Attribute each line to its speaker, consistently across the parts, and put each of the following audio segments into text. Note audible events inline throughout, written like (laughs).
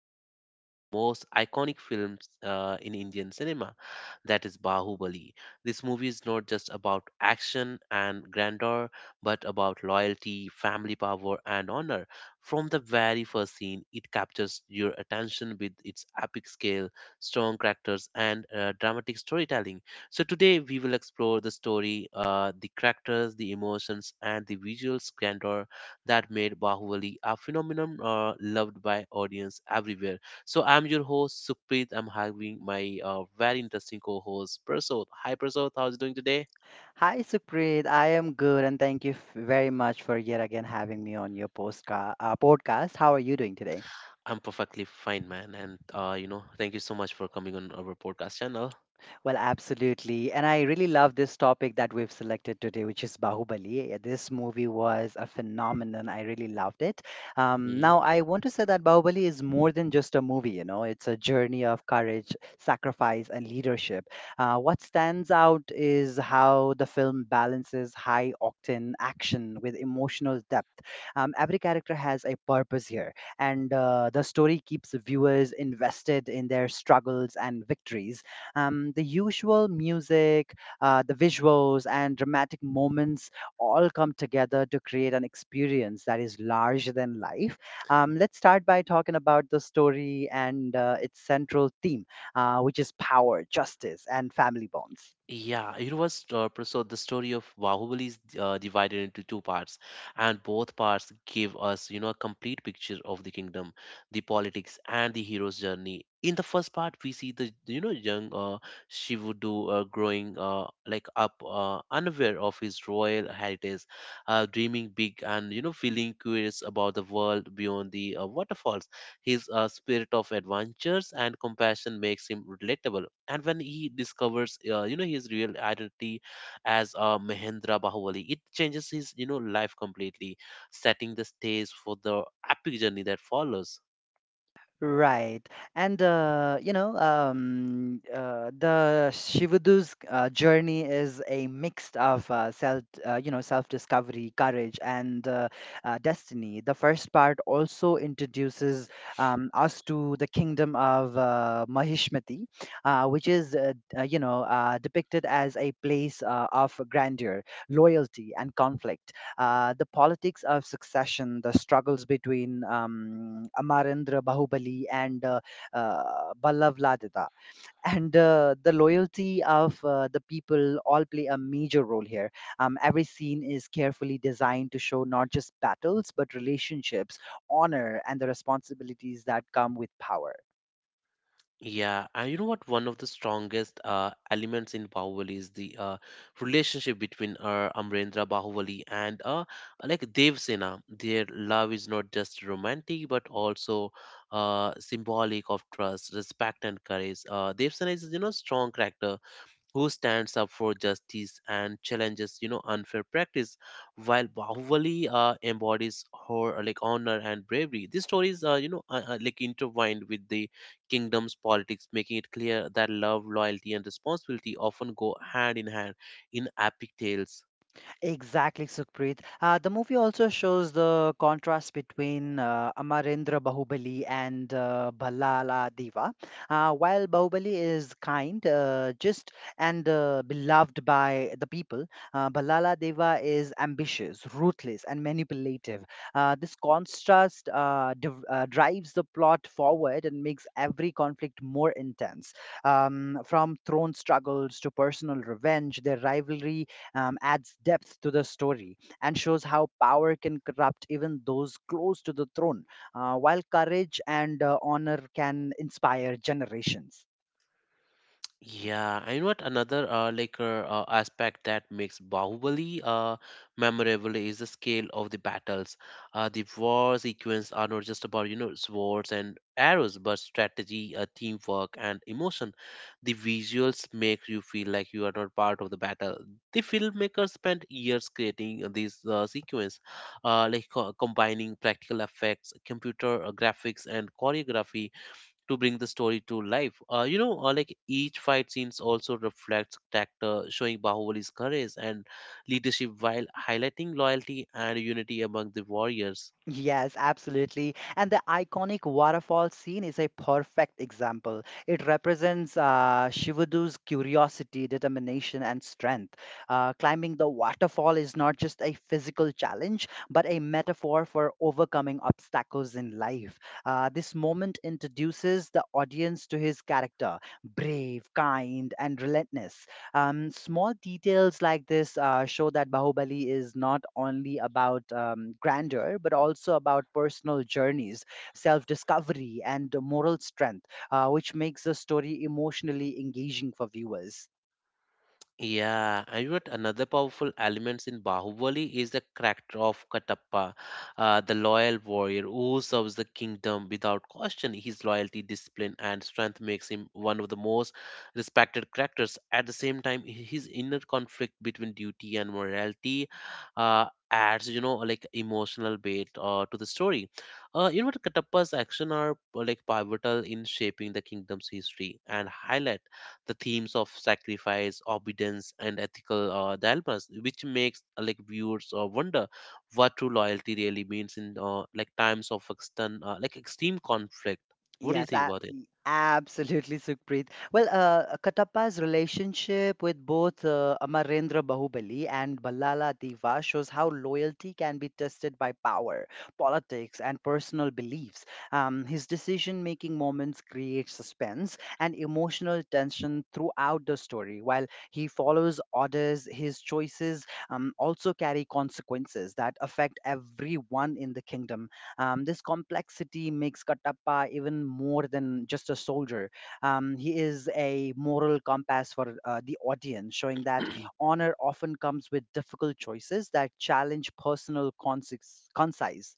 Speaker 1: into one of the most iconic films in Indian cinema, that is Bahubali. This movie is not just about action and grandeur, but about loyalty, family power, and honor. From the very first scene, it captures your attention with its epic scale, strong characters, and dramatic storytelling. So today we will explore the story, the characters, the emotions, and the visual grandeur that made Bahubali a phenomenon loved by audience everywhere. So I'm your host Sukhpreet. I'm having my very interesting co-host Prasod. Hi Prasod, how's it doing today?
Speaker 2: Hi, Sukrit. I am good, and thank you very much for yet again having me on your podcast. How are you doing today?
Speaker 1: I'm perfectly fine, man. And thank you so much for coming on our podcast channel.
Speaker 2: Well, absolutely. And I really love this topic that we've selected today, which is Bahubali. Yeah, this movie was a phenomenon. I really loved it. Um,
Speaker 1: Mm-hmm.
Speaker 2: now, I want to say that Bahubali is more than just a movie, you know, it's a journey of courage, sacrifice, and leadership. What stands out is how the film balances high octane action with emotional depth. Every character has a purpose here, and the story keeps viewers invested in their struggles and victories, the usual music, the visuals, and dramatic moments all come together to create an experience that is larger than life. Let's start by talking about the story and its central theme, which is power, justice, and family bonds.
Speaker 1: Yeah, it was so the story of Bahubali is divided into two parts, and both parts give us, a complete picture of the kingdom, the politics, and the hero's journey. In the first part, we see the, young Shivudu growing up, unaware of his royal heritage, dreaming big, and feeling curious about the world beyond the waterfalls. His spirit of adventures and compassion makes him relatable. And when he discovers, his real identity as Mahendra Bahubali, it changes his, life completely, setting the stage for the epic journey that follows.
Speaker 2: Right. And the Shivadu's journey is a mix of self-discovery, courage, and destiny. The first part also introduces us to the kingdom of Mahishmati, which is depicted as a place of grandeur, loyalty, and conflict. The politics of succession, the struggles between Amarendra Bahubali and Ballav Ladada, (laughs) and the loyalty of the people all play a major role here. Every scene is carefully designed to show not just battles, but relationships, honor, and the responsibilities that come with power.
Speaker 1: Yeah, and you know what? One of the strongest elements in Bahubali is the relationship between Amrendra Bahubali and Devsena. Their love is not just romantic but also symbolic of trust, respect, and courage. Devsena is you know strong character who stands up for justice and challenges you know unfair practice while bahubali embodies her like honor and bravery. These stories are you know like intertwined with the kingdom's politics, making it clear that love, loyalty, and responsibility often go hand in hand in epic tales.
Speaker 2: Exactly, Sukhpreet. The movie also shows the contrast between Amarendra Bahubali and Ballala Deva. While Bahubali is kind, just and beloved by the people, Ballala Deva is ambitious, ruthless, and manipulative. This contrast drives the plot forward and makes every conflict more intense. From throne struggles to personal revenge, their rivalry adds depth to the story and shows how power can corrupt even those close to the throne, while courage and honor can inspire generations.
Speaker 1: Yeah, and you know what, another aspect that makes Bahubali memorable is the scale of the battles. The war sequence are not just about you know swords and arrows, but strategy, teamwork, and emotion. The visuals make you feel like you are not part of the battle. The filmmakers spent years creating these sequence, combining practical effects, computer graphics, and choreography to bring the story to life. Like each fight scenes also reflects character, showing Bahubali's courage and leadership while highlighting loyalty and unity among the warriors.
Speaker 2: Yes, absolutely. And the iconic waterfall scene is a perfect example. It represents Shivadu's curiosity, determination, and strength. Climbing the waterfall is not just a physical challenge, but a metaphor for overcoming obstacles in life. This moment introduces the audience to his character: brave, kind, and relentless. Small details like this show that Bahubali is not only about grandeur, but also about personal journeys, self discovery, and moral strength, which makes the story emotionally engaging for viewers.
Speaker 1: Yeah, and what another powerful elements in Bahubali is the character of Katappa, the loyal warrior who serves the kingdom without question. His loyalty, discipline, and strength makes him one of the most respected characters. At the same time, his inner conflict between duty and morality adds, like emotional weight to the story. Katappa's actions are like pivotal in shaping the kingdom's history and highlight the themes of sacrifice, obedience, and ethical dilemmas, which makes like viewers wonder what true loyalty really means in like extreme conflict. What do you
Speaker 2: Yes,
Speaker 1: think
Speaker 2: a-
Speaker 1: about it?
Speaker 2: Absolutely, Sukhpreet. Well, Katappa's relationship with both Amarendra Bahubali and Ballala Deva shows how loyalty can be tested by power, politics, and personal beliefs. His decision-making moments create suspense and emotional tension throughout the story. While he follows orders, his choices also carry consequences that affect everyone in the kingdom. This complexity makes Kattappa even more than just a soldier. He is a moral compass for the audience, showing that honor often comes with difficult choices that challenge personal conscience.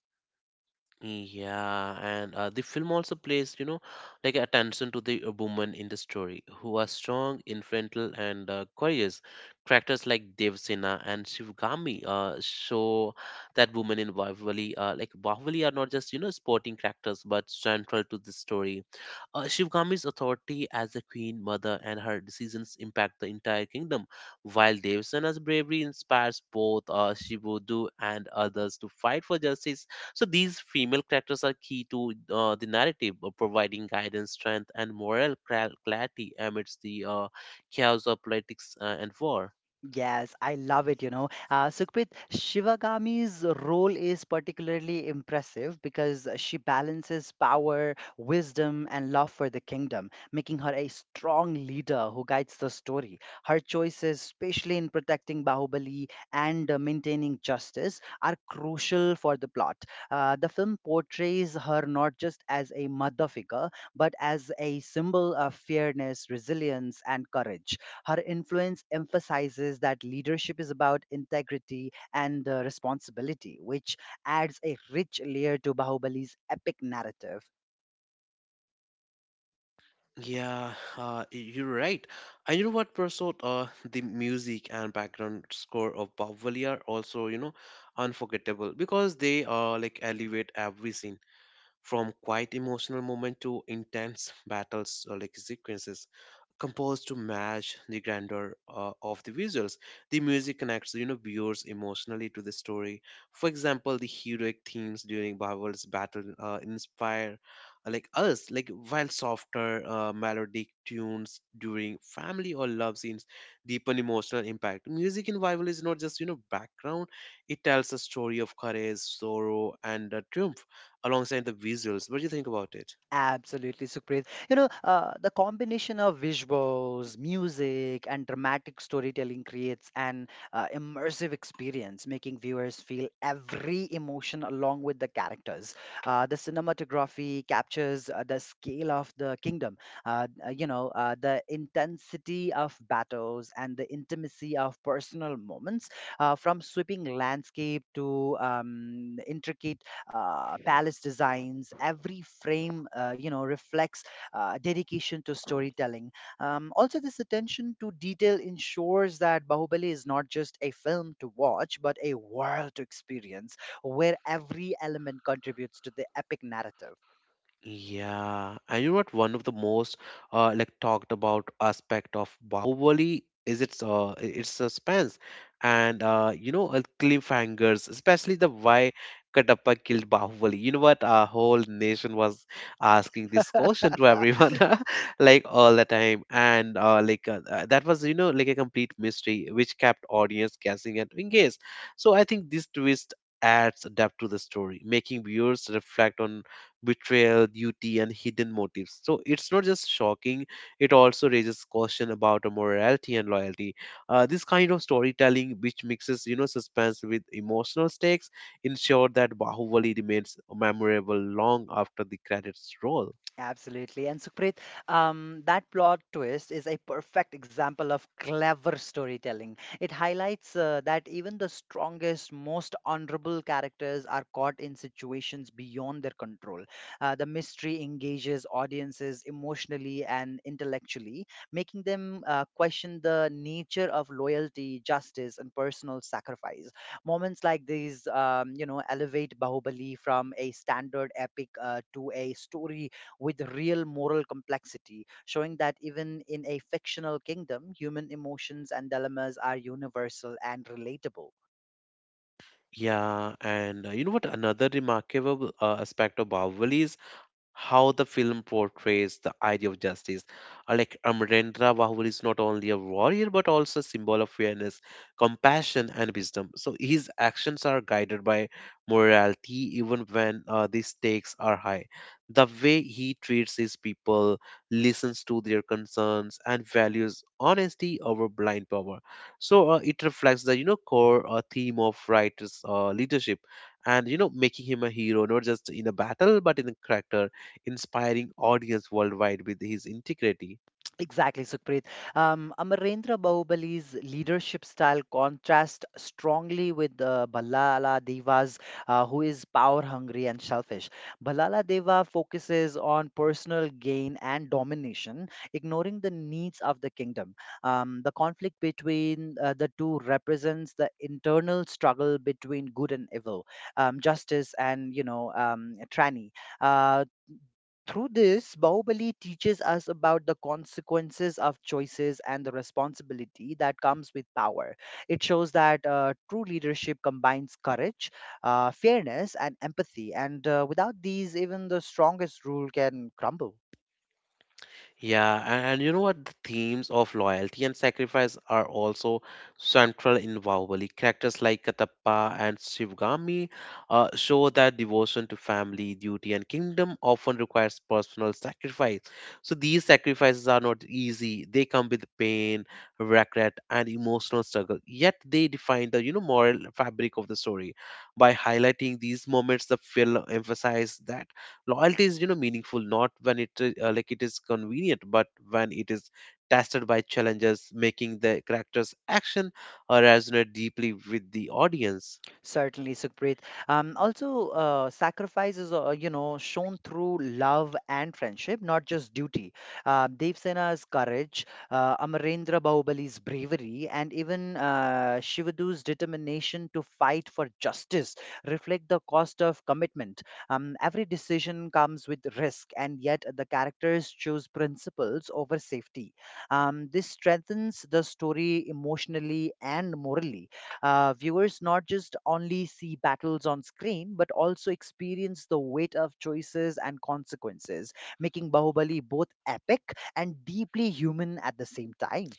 Speaker 1: Yeah, and the film also plays, like attention to the women in the story who are strong, influential, and courageous. Characters like Devsena and Shivgami show that women in Bahubali, are not just you know sporting characters but central to the story. Shivgami's authority as a queen mother and her decisions impact the entire kingdom, while Devsena's bravery inspires both Shivudu and others to fight for justice. So these female characters are key to the narrative, providing guidance, strength, and moral clarity amidst the chaos of politics and war.
Speaker 2: Yes, I love it, you know. Sukhprit, Shivagami's role is particularly impressive because she balances power, wisdom, and love for the kingdom, making her a strong leader who guides the story. Her choices, especially in protecting Bahubali and maintaining justice, are crucial for the plot. The film portrays her not just as a mother figure, but as a symbol of fairness, resilience, and courage. Her influence emphasizes that leadership is about integrity and responsibility, which adds a rich layer to Bahubali's epic narrative.
Speaker 1: Yeah, you're right. And you know what, Prasoth? The music and background score of Bahubali are also, unforgettable because they like elevate every scene from quite emotional moment to intense battles or like sequences, composed to match the grandeur of the visuals. The music connects, viewers emotionally to the story. For example, the heroic themes during Babal's battle inspire like us, like while softer melodic tunes during family or love scenes deepen emotional impact. Music in Bible is not just, background. It tells a story of courage, sorrow, and triumph alongside the visuals. What do you think about it?
Speaker 2: Absolutely, Sukrit. You know, the combination of visuals, music, and dramatic storytelling creates an immersive experience, making viewers feel every emotion along with the characters. The cinematography captures the scale of the kingdom, the intensity of battles and the intimacy of personal moments, from sweeping landscape to intricate palace designs. Every frame, you know, reflects dedication to storytelling. Also, this attention to detail ensures that Bahubali is not just a film to watch but a world to experience, where every element contributes to the epic narrative.
Speaker 1: Yeah, and you know what? One of the most like talked about aspect of Bahubali is its suspense, and cliffhangers, especially the why Kadapa killed Bahubali. You know what? Our whole nation was asking this question to everyone, (laughs) like all the time, and that was you know like a complete mystery which kept audience guessing and engaged. So I think this twist adds depth to the story, making viewers reflect on betrayal, duty, and hidden motives. So it's not just shocking, it also raises question about our morality and loyalty. This kind of storytelling, which mixes you know suspense with emotional stakes, ensure that Bahubali remains memorable long after the credits roll.
Speaker 2: Absolutely. And Sukhpreet, that plot twist is a perfect example of clever storytelling. It highlights that even the strongest, most honorable characters are caught in situations beyond their control. The mystery engages audiences emotionally and intellectually, making them question the nature of loyalty, justice, and personal sacrifice. Moments like these, you know, elevate Bahubali from a standard epic to a story with real moral complexity, showing that even in a fictional kingdom, human emotions and dilemmas are universal and relatable.
Speaker 1: Yeah, and you know what? Another remarkable aspect of Bahubali is how the film portrays the idea of justice. Like Amarendra Bahubali is not only a warrior but also a symbol of fairness, compassion, and wisdom. So his actions are guided by morality, even when the stakes are high. The way he treats his people, listens to their concerns, and values honesty over blind power, so it reflects the you know core theme of writer's leadership and you know making him a hero not just in a battle but in a character, inspiring audience worldwide with his integrity.
Speaker 2: Exactly, Sukhpreet. Amarendra Bahubali's leadership style contrasts strongly with Ballala Deva's, who is power hungry and selfish. Ballala Deva focuses on personal gain and domination, ignoring the needs of the kingdom. The conflict between the two represents the internal struggle between good and evil, justice and you know tyranny. Uh, Through this, Bahubali teaches us about the consequences of choices and the responsibility that comes with power. It shows that true leadership combines courage, fairness, and empathy, and without these, even the strongest rule can crumble.
Speaker 1: Yeah, and you know what? The themes of loyalty and sacrifice are also central in Bahubali. Characters like Katappa and Shivgami show that devotion to family, duty, and kingdom often requires personal sacrifice. So these sacrifices are not easy. They come with pain, regret, and emotional struggle. Yet they define the you know moral fabric of the story. By highlighting these moments, the film emphasizes that loyalty is you know meaningful not when it like it is convenient but when it is tested by challenges, making the character's action resonate deeply with the audience.
Speaker 2: Certainly, Sukhpreet. Also, sacrifice is, you know, shown through love and friendship, not just duty. Dev Sena's courage, Amarendra Bahubali's bravery, and even Shivadu's determination to fight for justice reflect the cost of commitment. Every decision comes with risk, and yet the characters choose principles over safety. This strengthens the story emotionally and morally. Viewers not just only see battles on screen, but also experience the weight of choices and consequences, making Bahubali both epic and deeply human at the same time.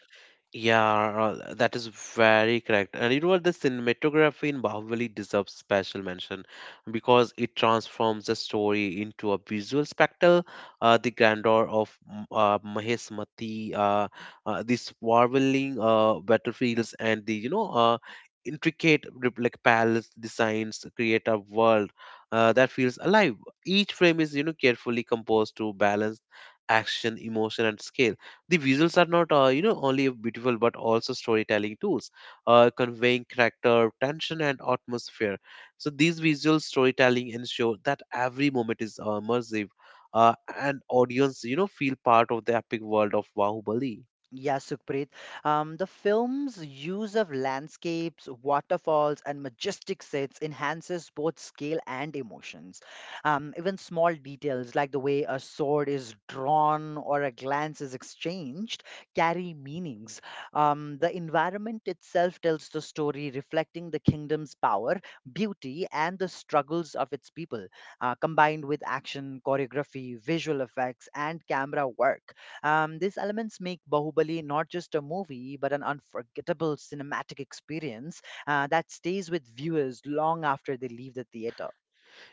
Speaker 1: Yeah, that is very correct. And you know what? The cinematography in Bahubali deserves special mention because it transforms the story into a visual spectacle. The grandeur of Mahesmati, the swirling battlefields, and the you know intricate like palace designs create a world that feels alive. Each frame is you know carefully composed to balance action, emotion, and scale. The visuals are not, only beautiful but also storytelling tools, conveying character, tension, and atmosphere. So these visual storytelling ensure that every moment is immersive, and audience, feel part of the epic world of Bahubali.
Speaker 2: Yeah, Sukhpreet. The film's use of landscapes, waterfalls, and majestic sets enhances both scale and emotions. Even small details like the way a sword is drawn or a glance is exchanged carry meanings. The environment itself tells the story, reflecting the kingdom's power, beauty, and the struggles of its people, combined with action, choreography, visual effects, and camera work. These elements make Bahubali not just a movie, but an unforgettable cinematic experience that stays with viewers long after they leave the theater.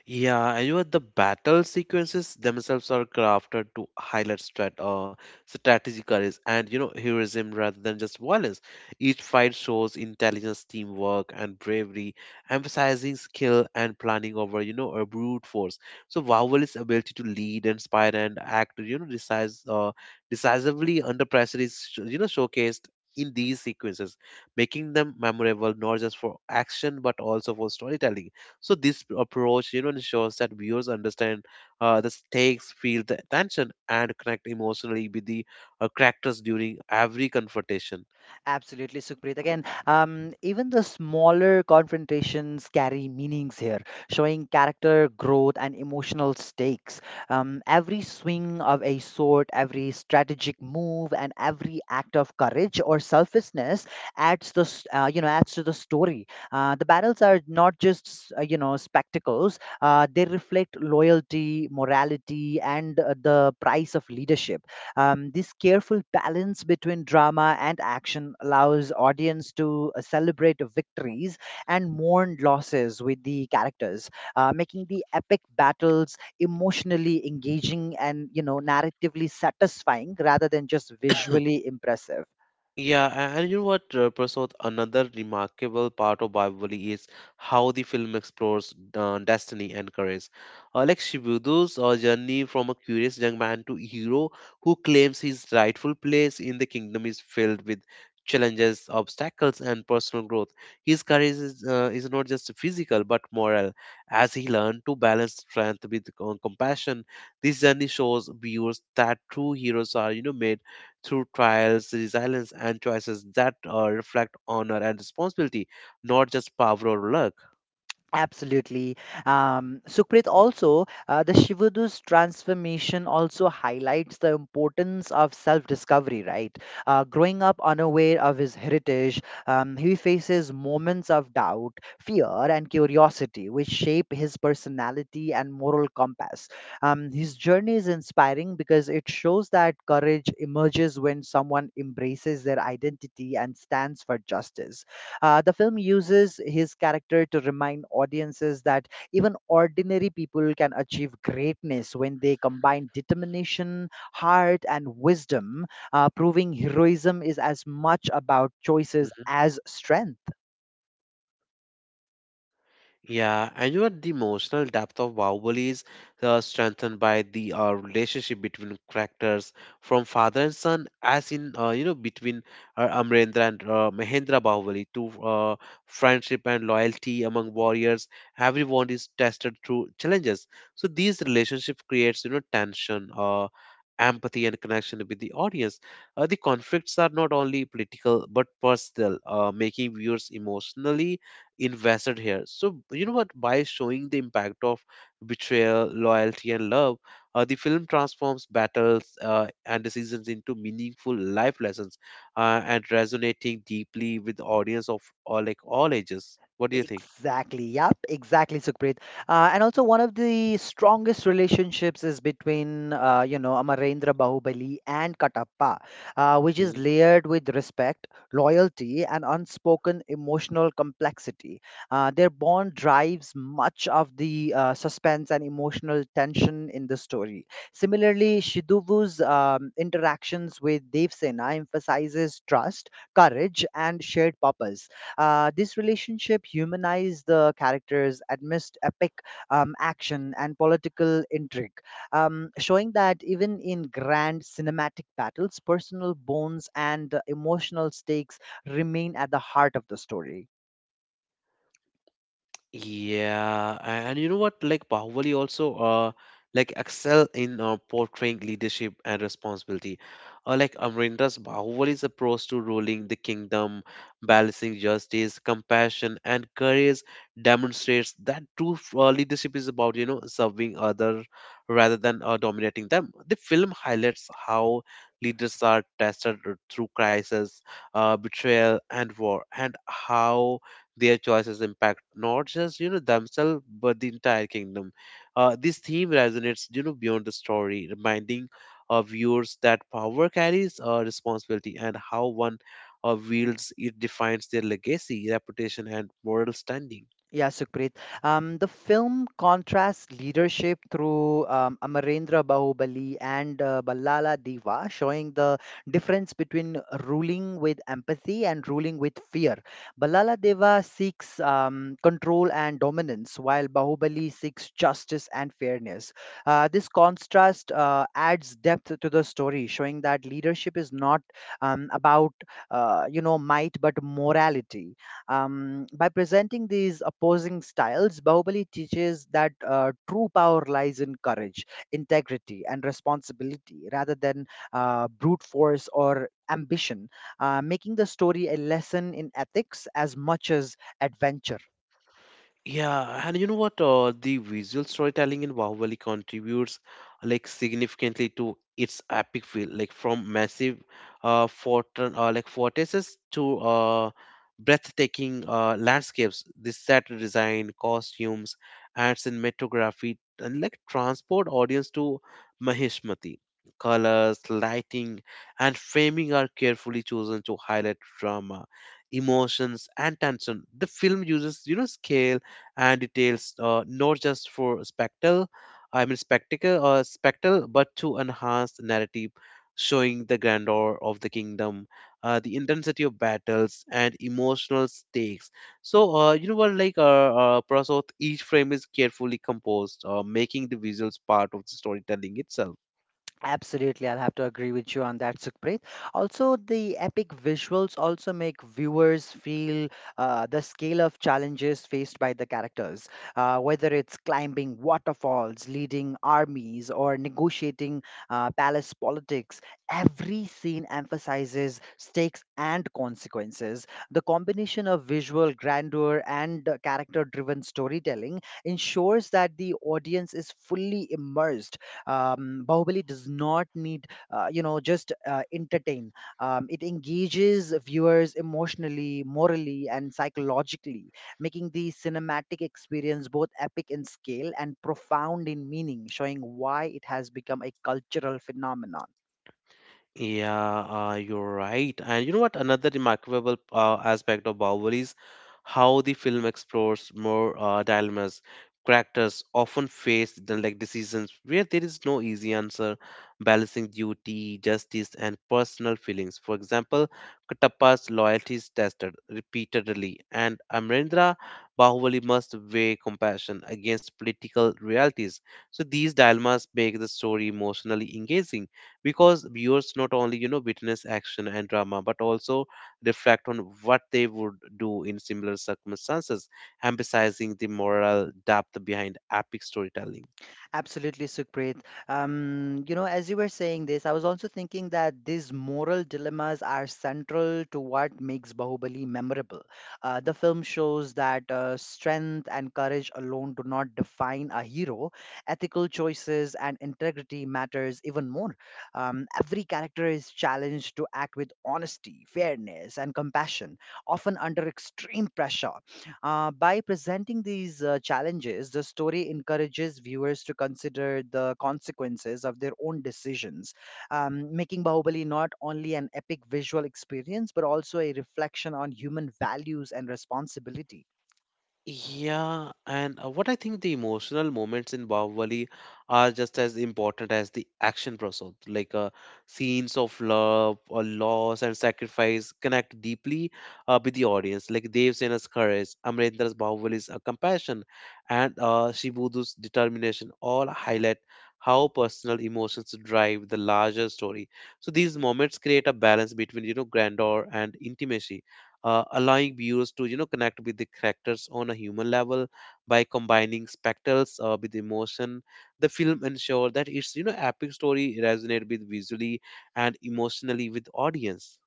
Speaker 1: Yeah, and you know, the battle sequences themselves are crafted to highlight strategic courage and you know heroism rather than just violence. Each fight shows intelligence, teamwork, and bravery, emphasizing skill and planning over you know a brute force. So Vowel's ability to lead, inspire, and act you know decisively under pressure is you know showcased in these sequences, making them memorable not just for action but also for storytelling. So this approach, ensures that viewers understand the stakes, feel the tension, and connect emotionally with the characters during every confrontation.
Speaker 2: Absolutely, Sukhpreet. Again, even the smaller confrontations carry meanings here, showing character growth and emotional stakes. Every swing of a sword, every strategic move, and every act of courage or selflessness you know, adds to the story. The battles are not just you know spectacles; they reflect loyalty, morality, and the price of leadership. This careful balance between drama and action allows audience to celebrate victories and mourn losses with the characters, making the epic battles emotionally engaging and you know narratively satisfying rather than just visually impressive.
Speaker 1: Yeah, and you know what, Prasad? Another remarkable part of Bahubali is how the film explores destiny and courage. Like Shibudu's journey from a curious young man to hero who claims his rightful place in the kingdom is filled with challenges, obstacles, and personal growth. His courage is not just physical but moral, as he learned to balance strength with compassion. This journey shows viewers that true heroes are, made through trials, resilience, and choices that reflect honor and responsibility, not just power or luck.
Speaker 2: Absolutely. Sukrit, also, the Shivadu's transformation also highlights the importance of self discovery, right? Growing up unaware of his heritage, he faces moments of doubt, fear, and curiosity, which shape his personality and moral compass. His journey is inspiring because it shows that courage emerges when someone embraces their identity and stands for justice. The film uses his character to remind audiences that even ordinary people can achieve greatness when they combine determination, heart, and wisdom, proving heroism is as much about choices
Speaker 1: Mm-hmm.
Speaker 2: as strength.
Speaker 1: Yeah, and you know the emotional depth of Bahubali is strengthened by the relationship between characters, from father and son, as in between Amrendra and Mahendra Bahubali, to friendship and loyalty among warriors. Everyone is tested through challenges, so these relationship creates you know tension. Empathy and connection with the audience, the conflicts are not only political but personal, making viewers emotionally invested here. So, you know what? By showing the impact of betrayal, loyalty, and love, the film transforms battles and decisions into meaningful life lessons and resonating deeply with the audience of all, like all ages. What do you think?
Speaker 2: Exactly. Yep. Exactly, Sukhpreet. And also, one of the strongest relationships is between, you know, Amarendra Bahubali and Katappa, which is layered with respect, loyalty, and unspoken emotional complexity. Their bond drives much of the suspense and emotional tension in the story. Similarly, Shiduvu's interactions with Devsena emphasizes trust, courage, and shared purpose. This relationship humanized the characters amidst epic action and political intrigue, showing that even in grand cinematic battles, personal bonds and emotional stakes remain at the heart of the story.
Speaker 1: Yeah, and you know what? Like Bahubali also excel in portraying leadership and responsibility. Like Amrinder's Bahubali's approach to ruling the kingdom, balancing justice, compassion, and courage demonstrates that leadership is about, you know, serving others rather than dominating them. The film highlights how leaders are tested through crisis, betrayal, and war, and how their choices impact not just you know themselves but the entire kingdom. This theme resonates you know beyond the story, reminding viewers that power carries responsibility and how one wields it defines their legacy, reputation, and moral standing.
Speaker 2: Yeah, Sukrit. The film contrasts leadership through Amarendra Bahubali and Ballala Deva, showing the difference between ruling with empathy and ruling with fear. Ballala Deva seeks control and dominance, while Bahubali seeks justice and fairness. This contrast adds depth to the story, showing that leadership is not about you know might but morality. By presenting these opposing styles, Bahubali teaches that true power lies in courage, integrity, and responsibility rather than brute force or ambition, making the story a lesson in ethics as much as adventure.
Speaker 1: Yeah, and you know what? The visual storytelling in Bahubali contributes like significantly to its epic feel, like from massive fort like fortresses to breathtaking landscapes. The set design, costumes, and cinematography and like transport audience to Mahishmati. Colors, lighting, and framing are carefully chosen to highlight drama, emotions, and tension. The film uses, you know, scale and details not just for spectacle I mean spectacle or spectacle but to enhance the narrative, showing the grandeur of the kingdom, the intensity of battles and emotional stakes. So you know what, like Prasad, each frame is carefully composed, making the visuals part of the storytelling itself.
Speaker 2: Absolutely, I'll have to agree with you on that, Sukhpreet. Also, the epic visuals also make viewers feel the scale of challenges faced by the characters, whether it's climbing waterfalls, leading armies, or negotiating palace politics. Every scene emphasizes stakes and consequences. The combination of visual grandeur and character driven storytelling ensures that the audience is fully immersed. Bahubali does not need you know just entertain. It engages viewers emotionally, morally, and psychologically, making the cinematic experience both epic in scale and profound in meaning, showing why it has become a cultural phenomenon.
Speaker 1: Yeah, you're right. And you know what? Another remarkable aspect of Bahubali is how the film explores more dilemmas. Characters often face the, like decisions where there is no easy answer, balancing duty, justice, and personal feelings. For example, Katappa's loyalty is tested repeatedly, and Amrendra Bahubali must weigh compassion against political realities. So these dilemmas make the story emotionally engaging because viewers not only you know witness action and drama but also reflect on what they would do in similar circumstances, emphasizing the moral depth behind epic storytelling.
Speaker 2: Absolutely, Sukhpreet. You know, as you were saying this, I was also thinking that these moral dilemmas are central to what makes Bahubali memorable. The film shows that strength and courage alone do not define a hero. Ethical choices and integrity matters even more. Every character is challenged to act with honesty, fairness, and compassion, often under extreme pressure. By presenting these challenges, the story encourages viewers to consider the consequences of their own decisions, making Bahubali not only an epic visual experience but also a reflection on human values and responsibility.
Speaker 1: Yeah, and what I think, the emotional moments in Bahubali are just as important as the action process. Like scenes of love or loss and sacrifice connect deeply with the audience. Like Dev Sena's courage, Amrendra's Bahubal's compassion, and Shibudu's determination all highlight how personal emotions drive the larger story. So these moments create a balance between you know grandeur and intimacy, allowing viewers to you know connect with the characters on a human level. By combining spectacles with emotion, the film ensures that its you know epic story resonate with visually and emotionally with audience.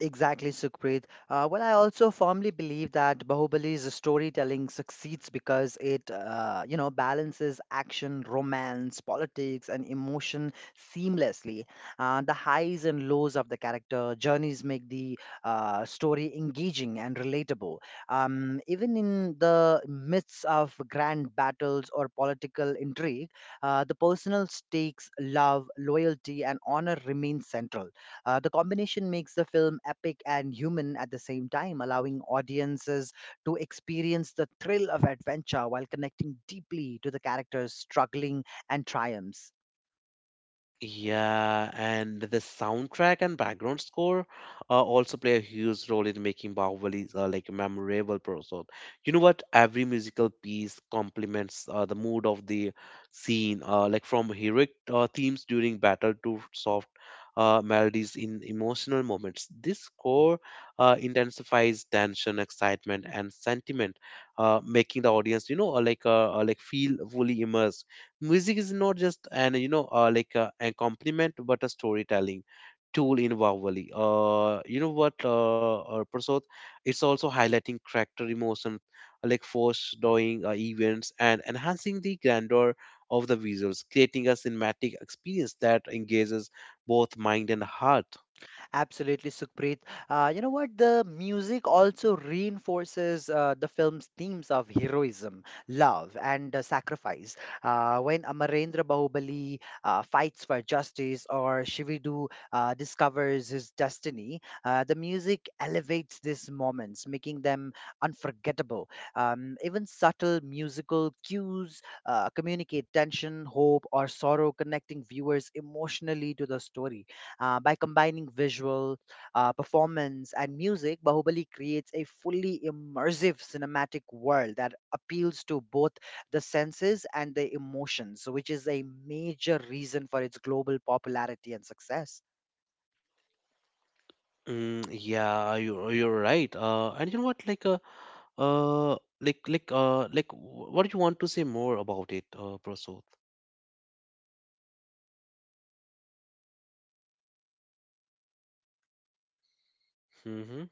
Speaker 2: Exactly, Sukhpreet. Well, I also firmly believe that Bahubali's storytelling succeeds because it balances action, romance, politics, and emotion seamlessly. The highs and lows of the character journeys make the story engaging and relatable. Even in the midst of grand battles or political intrigue, the personal stakes, love, loyalty, and honor remain central. The combination makes the film epic and human at the same time, allowing audiences to experience the thrill of adventure while connecting deeply to the characters' struggling and triumphs.
Speaker 1: Yeah, and the soundtrack and background score also play a huge role in making Bahubali like a memorable person. You know what? Every musical piece complements the mood of the scene, like from heroic themes during battle to soft melodies in emotional moments. This score intensifies tension, excitement, and sentiment, making the audience, you know, feel fully immersed. Music is not just an you know like a compliment but a storytelling tool in Bahubali. You know what, Prasad? It's also highlighting character emotion, like foreshadowing events and enhancing the grandeur of the visuals, creating a cinematic experience that engages both mind and heart.
Speaker 2: Absolutely, Sukhpreet. You know what? The music also reinforces the film's themes of heroism, love, and sacrifice. When Amarendra Bahubali fights for justice, or Shividu discovers his destiny, the music elevates these moments, making them unforgettable. Even subtle musical cues communicate tension, hope, or sorrow, connecting viewers emotionally to the story. By combining visual, performance, and music, Bahubali creates a fully immersive cinematic world that appeals to both the senses and the emotions, which is a major reason for its global popularity and success.
Speaker 1: Yeah, you're right. And you know what, uh, what do you want to say more about it, Prasad? Mm-hmm.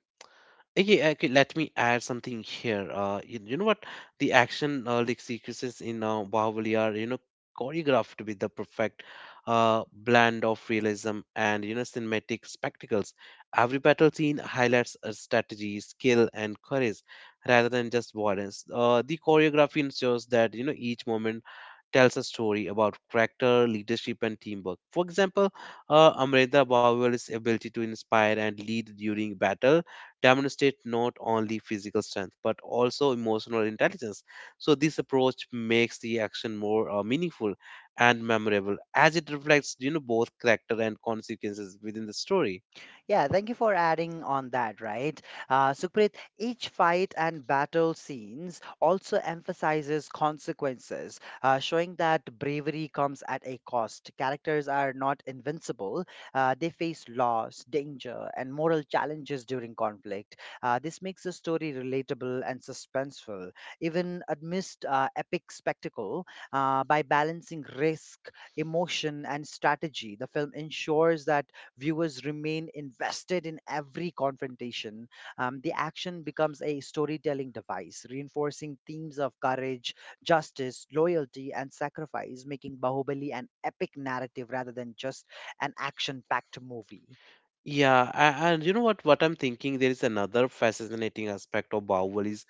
Speaker 1: Yeah, okay, let me add something here. You, you know what? The action like sequences in Bahubali are, you know, choreographed with the perfect blend of realism and, you know, cinematic spectacles. Every battle scene highlights a strategy, skill, and courage rather than just violence. The choreography ensures that, you know, each moment tells a story about character, leadership, and teamwork. For example, Amrita Bauer's ability to inspire and lead during battle demonstrate not only physical strength but also emotional intelligence. So this approach makes the action more meaningful and memorable as it reflects, you know, both character and consequences within the story.
Speaker 2: Yeah, thank you for adding on that, right? Sukhpreet, each fight and battle scenes also emphasizes consequences, showing that bravery comes at a cost. Characters are not invincible, they face loss, danger, and moral challenges during conflict. This makes the story relatable and suspenseful, even amidst epic spectacle. By balancing risk, emotion, and strategy, the film ensures that viewers remain invested in every confrontation. The action becomes a storytelling device, reinforcing themes of courage, justice, loyalty, and sacrifice, making Bahubali an epic narrative rather than just an action packed movie.
Speaker 1: Yeah, and you know what? What I'm thinking, there is another fascinating aspect of Bahubal's,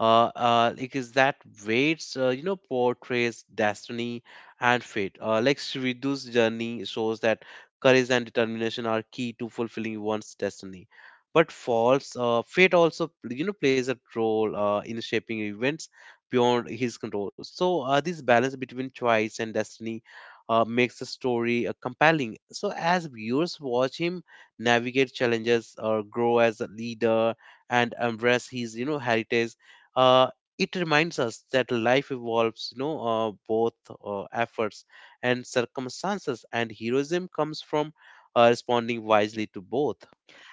Speaker 1: is that waits, you know, portrays destiny and fate. Like Shridu's journey shows that courage and determination are key to fulfilling one's destiny. But false fate also, you know, plays a role in shaping events beyond his control. So this balance between choice and destiny makes the story compelling. So as viewers watch him navigate challenges or grow as a leader and embrace his you know heritage, uh, it reminds us that life evolves you know both efforts and circumstances, and heroism comes from responding wisely to both.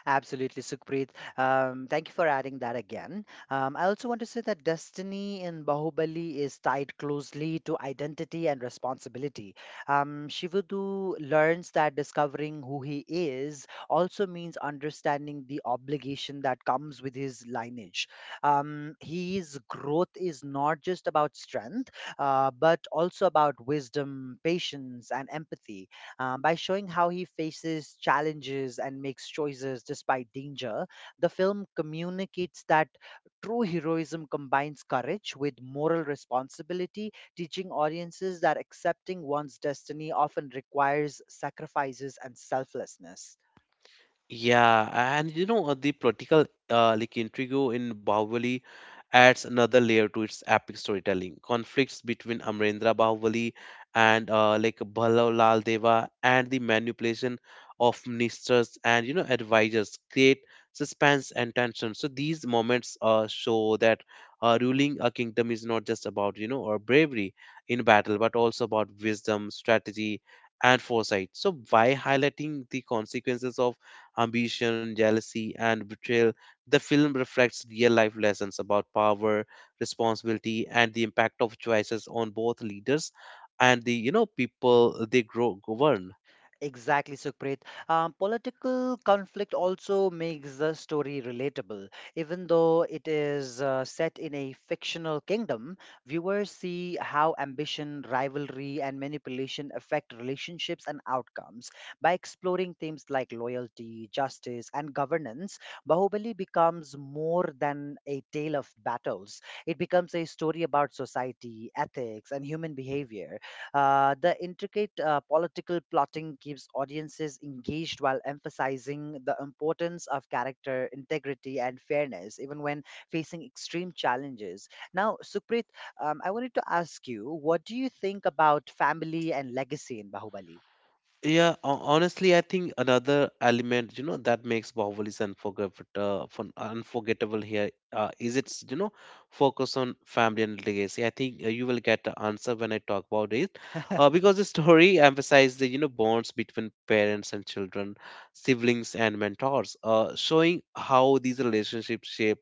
Speaker 2: Absolutely, Sukhpreet. Thank you for adding that again. I also want to say that destiny in Bahubali is tied closely to identity and responsibility. Shivudu learns that discovering who he is also means understanding the obligation that comes with his lineage. His growth is not just about strength, but also about wisdom, patience, and empathy. By showing how he faces challenges and makes choices despite danger, the film communicates that true heroism combines courage with moral responsibility, teaching audiences that accepting one's destiny often requires sacrifices and selflessness.
Speaker 1: Yeah, and you know the political like intrigue in Bahubali adds another layer to its epic storytelling. Conflicts between Amrendra Bahubali and like Bhalla Lal Deva and the manipulation of ministers and you know advisors create suspense and tension. So these moments show that ruling a kingdom is not just about you know or bravery in battle, but also about wisdom, strategy, and foresight. So by highlighting the consequences of ambition, jealousy, and betrayal, the film reflects real life lessons about power, responsibility, and the impact of choices on both leaders and the you know people they grow govern.
Speaker 2: Exactly, Sukhpreet. Political conflict also makes the story relatable. Even though it is set in a fictional kingdom, viewers see how ambition, rivalry, and manipulation affect relationships and outcomes. By exploring themes like loyalty, justice, and governance, Bahubali becomes more than a tale of battles. It becomes a story about society, ethics, and human behavior. The intricate political plotting keeps audiences engaged while emphasizing the importance of character, integrity, and fairness, even when facing extreme challenges. Now, Supreet, I wanted to ask you, what do you think about family and legacy in Bahubali?
Speaker 1: Yeah, honestly, I think another element, you know, that makes Bahubalis unforgettable, unforgettable here is its, you know, focus on family and legacy. I think you will get the answer when I talk about it, because the story (laughs) emphasizes the, you know, bonds between parents and children, siblings and mentors, showing how these relationships shape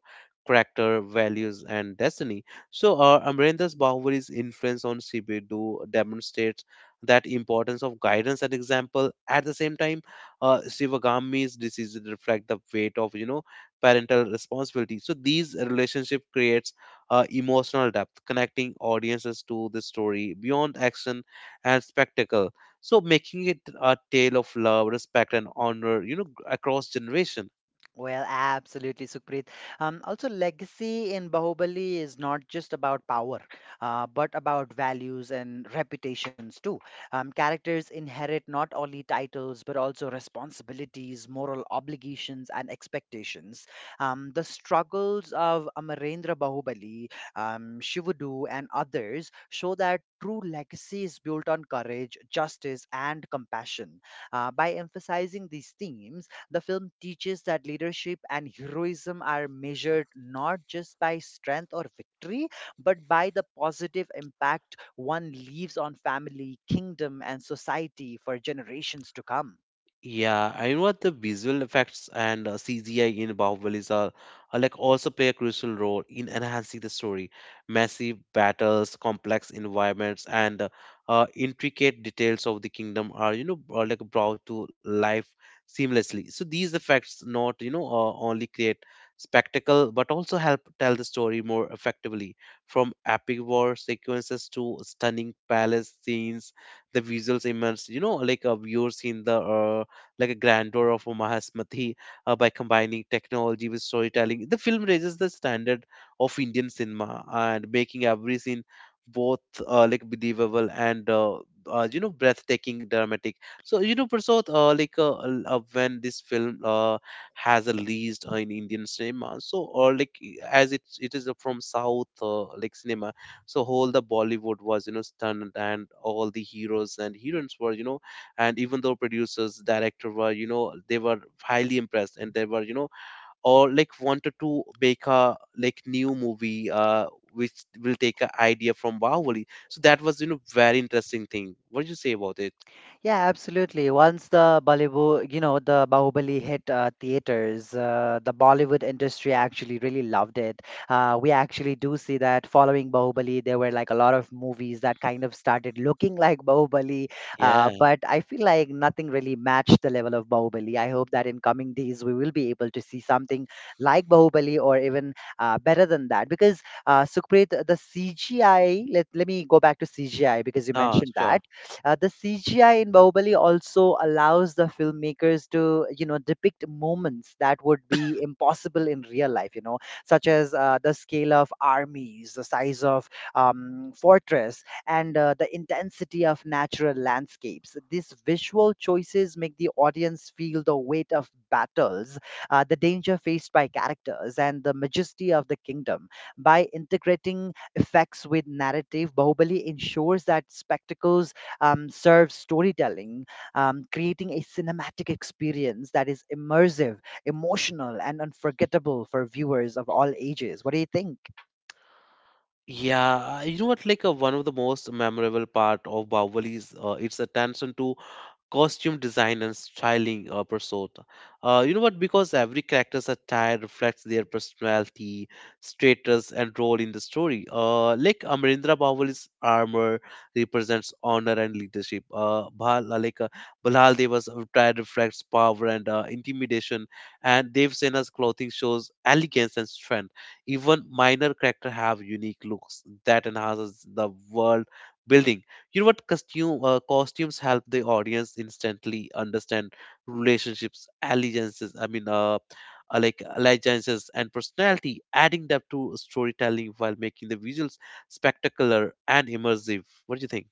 Speaker 1: character, values, and destiny. So, Amrendra's Bahubalis influence on Sibidu demonstrates that importance of guidance and example. At the same time, shivagami's diseases reflect the weight of you know parental responsibility. So these relationship creates emotional depth, connecting audiences to the story beyond action and spectacle, so making it a tale of love, respect, and honor you know across generation.
Speaker 2: Well, absolutely, Sukrit. Also, legacy in Bahubali is not just about power, but about values and reputations too. Characters inherit not only titles, but also responsibilities, moral obligations, and expectations. The struggles of Amarendra Bahubali, Shivudu, and others show that true legacy is built on courage, justice, and compassion. By emphasizing these themes, the film teaches that leadership and heroism are measured not just by strength or victory, but by the positive impact one leaves on family, kingdom, and society for generations to come.
Speaker 1: Yeah, I know what the visual effects and CGI in Bahubalis are like also play a crucial role in enhancing the story. Massive battles, complex environments, and intricate details of the kingdom are you know are like brought to life seamlessly. So these effects not you know only create spectacle but also help tell the story more effectively. From epic war sequences to stunning palace scenes, the visuals immerse you know like viewers in the like a grandeur of Omaha's Mathi, by combining technology with storytelling. The film raises the standard of Indian cinema and making every scene both like believable and you know breathtaking dramatic. So you know Prasad, when this film has a released in indian cinema, so or like as it is from south like cinema, so whole the bollywood was you know stunned and all the heroes and heroines were you know, and even though producers director were you know, they were highly impressed, and they were you know or like wanted to make a like new movie which will take an idea from Bahubali. So that was you know very interesting thing. What do you say about it?
Speaker 2: Yeah, absolutely. Once the Bollywood, you know, the Bahubali hit theaters, the Bollywood industry actually really loved it. We actually do see that following Bahubali, there were like a lot of movies that kind of started looking (laughs) like Bahubali.
Speaker 1: Yeah.
Speaker 2: But I feel like nothing really matched the level of Bahubali. I hope that in coming days we will be able to see something like Bahubali or even better than that. Because Sukhpreet, the CGI, let me go back to CGI because you
Speaker 1: Ah,
Speaker 2: mentioned that
Speaker 1: sure.
Speaker 2: the CGI in Bahubali also allows the filmmakers to, you know, depict moments that would be impossible in real life, you know, such as the scale of armies, the size of fortress, and the intensity of natural landscapes. These visual choices make the audience feel the weight of battles, the danger faced by characters, and the majesty of the kingdom. By integrating effects with narrative, Bahubali ensures that spectacles serve storytelling, creating a cinematic experience that is immersive, emotional, and unforgettable for viewers of all ages. What do you think?
Speaker 1: Yeah, you know what? Like one of the most memorable part of Bahubali is its attention to costume design and styling pursuit. You know what? Because every character's attire reflects their personality, status, and role in the story. Like Amarendra Bahubali's armor represents honor and leadership. Bhal, like Balal Deva's attire reflects power and intimidation, and Dev Sena's clothing shows elegance and strength. Even minor character have unique looks that enhances the world building. You know what, costumes help the audience instantly understand relationships, allegiances I mean like allegiances and personality, adding depth to storytelling while making the visuals spectacular and immersive. What do you think?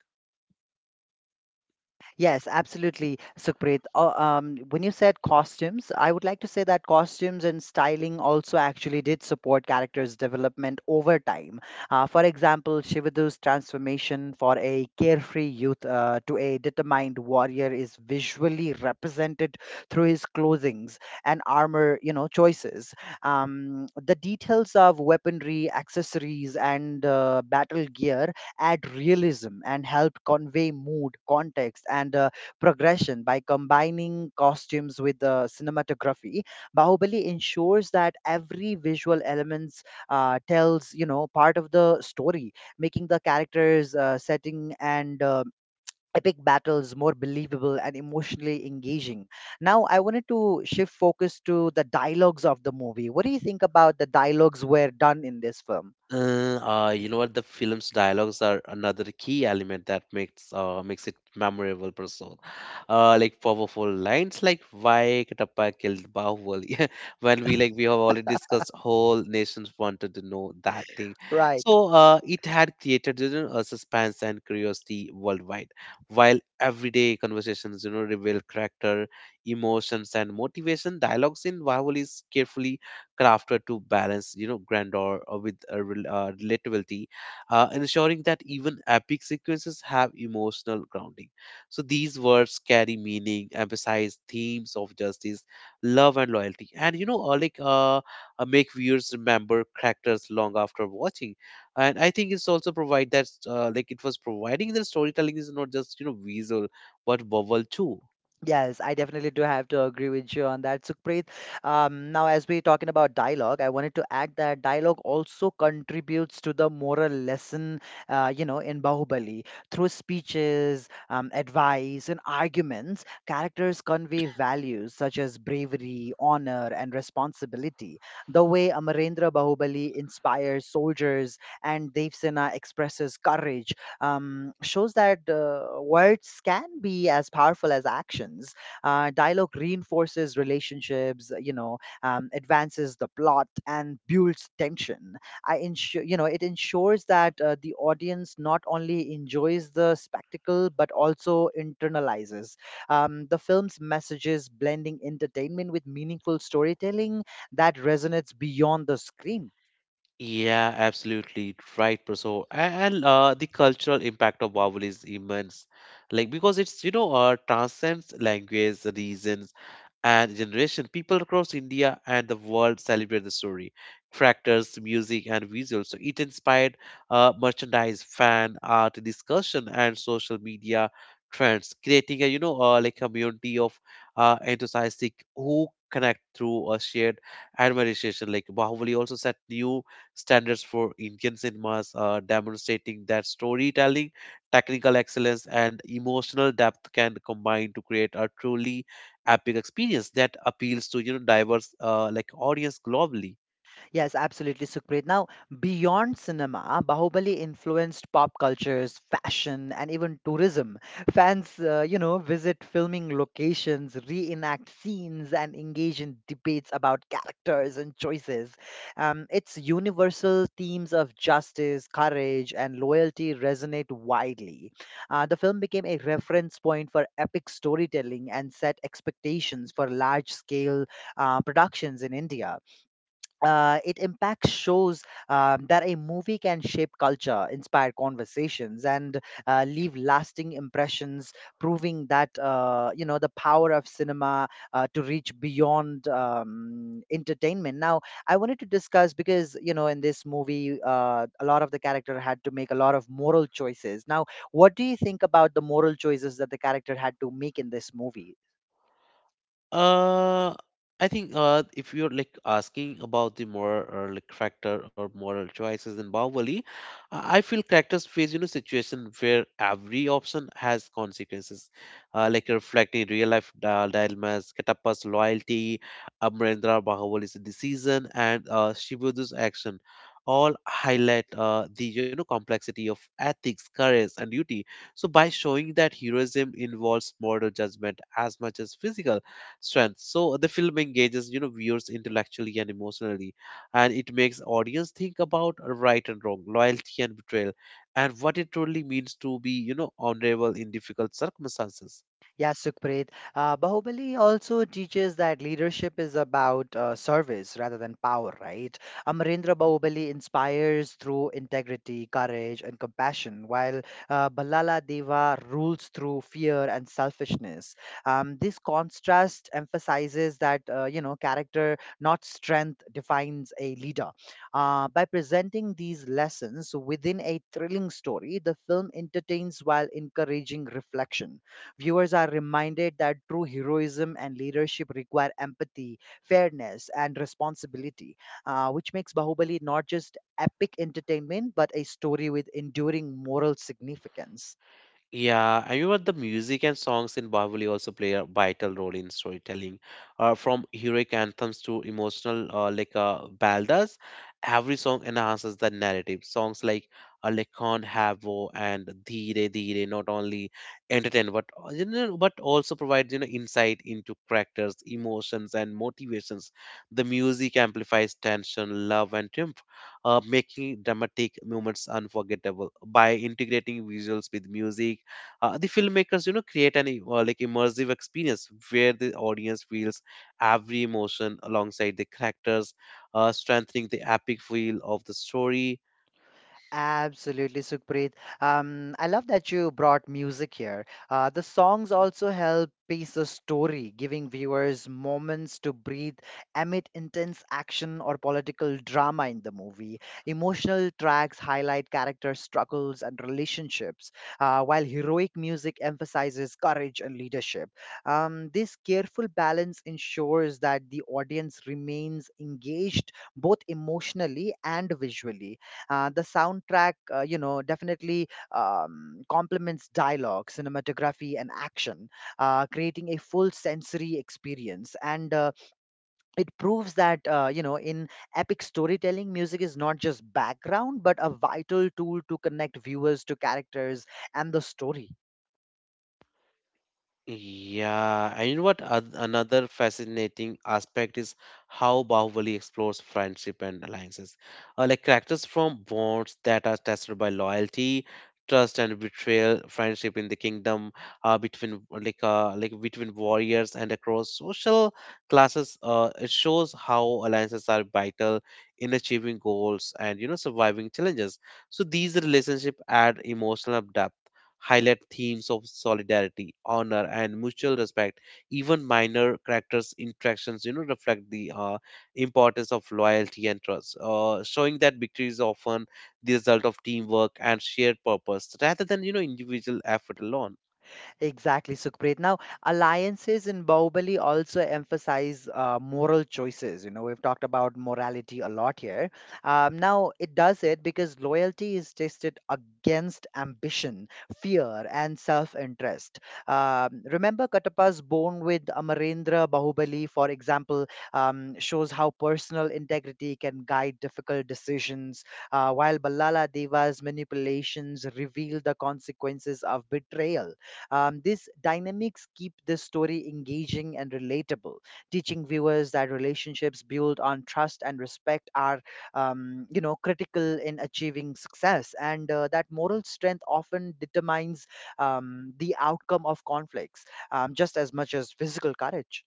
Speaker 2: Yes, absolutely, Sukhpreet. When you said costumes, I would like to say that costumes and styling also actually did support characters' development over time. For example, Shivadu's transformation for a carefree youth to a determined warrior is visually represented through his clothings and armor, you know, choices. The details of weaponry, accessories, and battle gear add realism and help convey mood, context, and progression by combining costumes with the cinematography. Bahubali ensures that every visual elements tells you know part of the story, making the characters, setting, and epic battles more believable and emotionally engaging. Now, I wanted to shift focus to the dialogues of the movie. What do you think about the dialogues were done in this film?
Speaker 1: You know what? The film's dialogues are another key element that makes makes it memorable per se. Like powerful lines like "Why Katappa killed Bahubali?" (laughs) when we we have already discussed, whole nations wanted to know that thing.
Speaker 2: Right.
Speaker 1: So it had created you know a suspense and curiosity worldwide, while everyday conversations you know reveal character, emotions, and motivation. Dialogues in Bahubali is carefully crafted to balance grandeur with a relatability, ensuring that even epic sequences have emotional grounding, so these words carry meaning, emphasize themes of justice, love, and loyalty. And make viewers remember characters long after watching. And I think it's also provide that it was providing the storytelling is not just visual but verbal too.
Speaker 2: Yes, I definitely do have to agree with you on that, Sukhpreet. Now, as we're talking about dialogue, I wanted to add that dialogue also contributes to the moral lesson, you know, in Bahubali. Through speeches, advice, and arguments, characters convey values such as bravery, honor, and responsibility. The way Amarendra Bahubali inspires soldiers and Devsena expresses courage shows that words can be as powerful as actions. Dialogue reinforces relationships, you know, advances the plot and builds tension. I ensure, you know, it ensures that the audience not only enjoys the spectacle but also internalizes the film's messages, blending entertainment with meaningful storytelling that resonates beyond the screen.
Speaker 1: Yeah, absolutely right, Praso. And the cultural impact of vowel is immense, like because it's transcends language, reasons, and generation. People across India and the world celebrate the story. Tractors, music, and visuals. So it inspired merchandise, fan art, discussion, and social media trends, creating a community of enthusiastic who connect through a shared admiration. Like Bahubali also set new standards for Indian cinemas, demonstrating that storytelling, technical excellence, and emotional depth can combine to create a truly epic experience that appeals to diverse audience globally.
Speaker 2: Yes, absolutely, Sukrit. Now, beyond cinema, Bahubali influenced pop cultures, fashion, and even tourism. Fans, you know, visit filming locations, reenact scenes, and engage in debates about characters and choices. Its universal themes of justice, courage, and loyalty resonate widely. The film became a reference point for epic storytelling and set expectations for large scale productions in India. It impacts shows that a movie can shape culture, inspire conversations, and leave lasting impressions, proving that you know the power of cinema to reach beyond entertainment. Now, I wanted to discuss because you know in this movie, a lot of the character had to make a lot of moral choices. Now, what do you think about the moral choices that the character had to make in this movie?
Speaker 1: Uh, I think if you're like asking about the moral or like character or moral choices in Bahubali, I feel characters face situation where every option has consequences, reflecting real life dilemmas. Katappa's loyalty, Amarendra Bahubali's decision, and Shibudu's action all highlight the complexity of ethics, courage, and duty. So by showing that heroism involves moral judgment as much as physical strength. So the film engages, you know, viewers intellectually and emotionally, and it makes audience think about right and wrong, loyalty and betrayal, and what it truly means to be, you know, honorable in difficult circumstances.
Speaker 2: Yeah, Sukhpreet. Bahubali also teaches that leadership is about service rather than power, right? Amarendra Bahubali inspires through integrity, courage, and compassion, while Ballala Deva rules through fear and selfishness. This contrast emphasizes that, you know, character, not strength, defines a leader. By presenting these lessons within a thrilling story, the film entertains while encouraging reflection. Viewers are reminded that true heroism and leadership require empathy, fairness, and responsibility, which makes Bahubali not just epic entertainment but a story with enduring moral significance.
Speaker 1: Yeah, and you know, the music and songs in Bahubali also play a vital role in storytelling. From heroic anthems to emotional, ballades, every song enhances the narrative. Songs like Lekhan Havo and Dheere Dheere not only entertain, but but also provides insight into characters, emotions, and motivations. The music amplifies tension, love, and triumph, making dramatic moments unforgettable. By integrating visuals with music, the filmmakers create an immersive experience where the audience feels every emotion alongside the characters, strengthening the epic feel of the story.
Speaker 2: Absolutely, Sukhpreet. I love that you brought music here. The songs also help pace the story, giving viewers moments to breathe amid intense action or political drama in the movie. Emotional tracks highlight character struggles and relationships, while heroic music emphasizes courage and leadership. This careful balance ensures that the audience remains engaged both emotionally and visually. The soundtrack, you know, definitely complements dialogue, cinematography, and action, creating a full sensory experience. And it proves that, you know, in epic storytelling, music is not just background, but a vital tool to connect viewers to characters and the story.
Speaker 1: Yeah, and you know what? Another fascinating aspect is how Bahubali explores friendship and alliances. Characters from bonds that are tested by loyalty, trust, and betrayal. Friendship in the kingdom, between like between warriors and across social classes. It shows how alliances are vital in achieving goals and surviving challenges. So these relationships add emotional depth, highlight themes of solidarity, honor, and mutual respect. Even minor characters' interactions, you know, reflect the importance of loyalty and trust, showing that victory is often the result of teamwork and shared purpose rather than, you know, individual effort alone.
Speaker 2: Exactly, Sukhpreet. Now, alliances in Bahubali also emphasize moral choices. You know, we've talked about morality a lot here. Now, it does it because loyalty is tested against ambition, fear, and self-interest. Remember, Katappa's bond with Amarendra Bahubali, for example, shows how personal integrity can guide difficult decisions, while Ballala Deva's manipulations reveal the consequences of betrayal. Um, these dynamics keep the story engaging and relatable, teaching viewers that relationships built on trust and respect are, you know, critical in achieving success, and that moral strength often determines the outcome of conflicts, just as much as physical courage.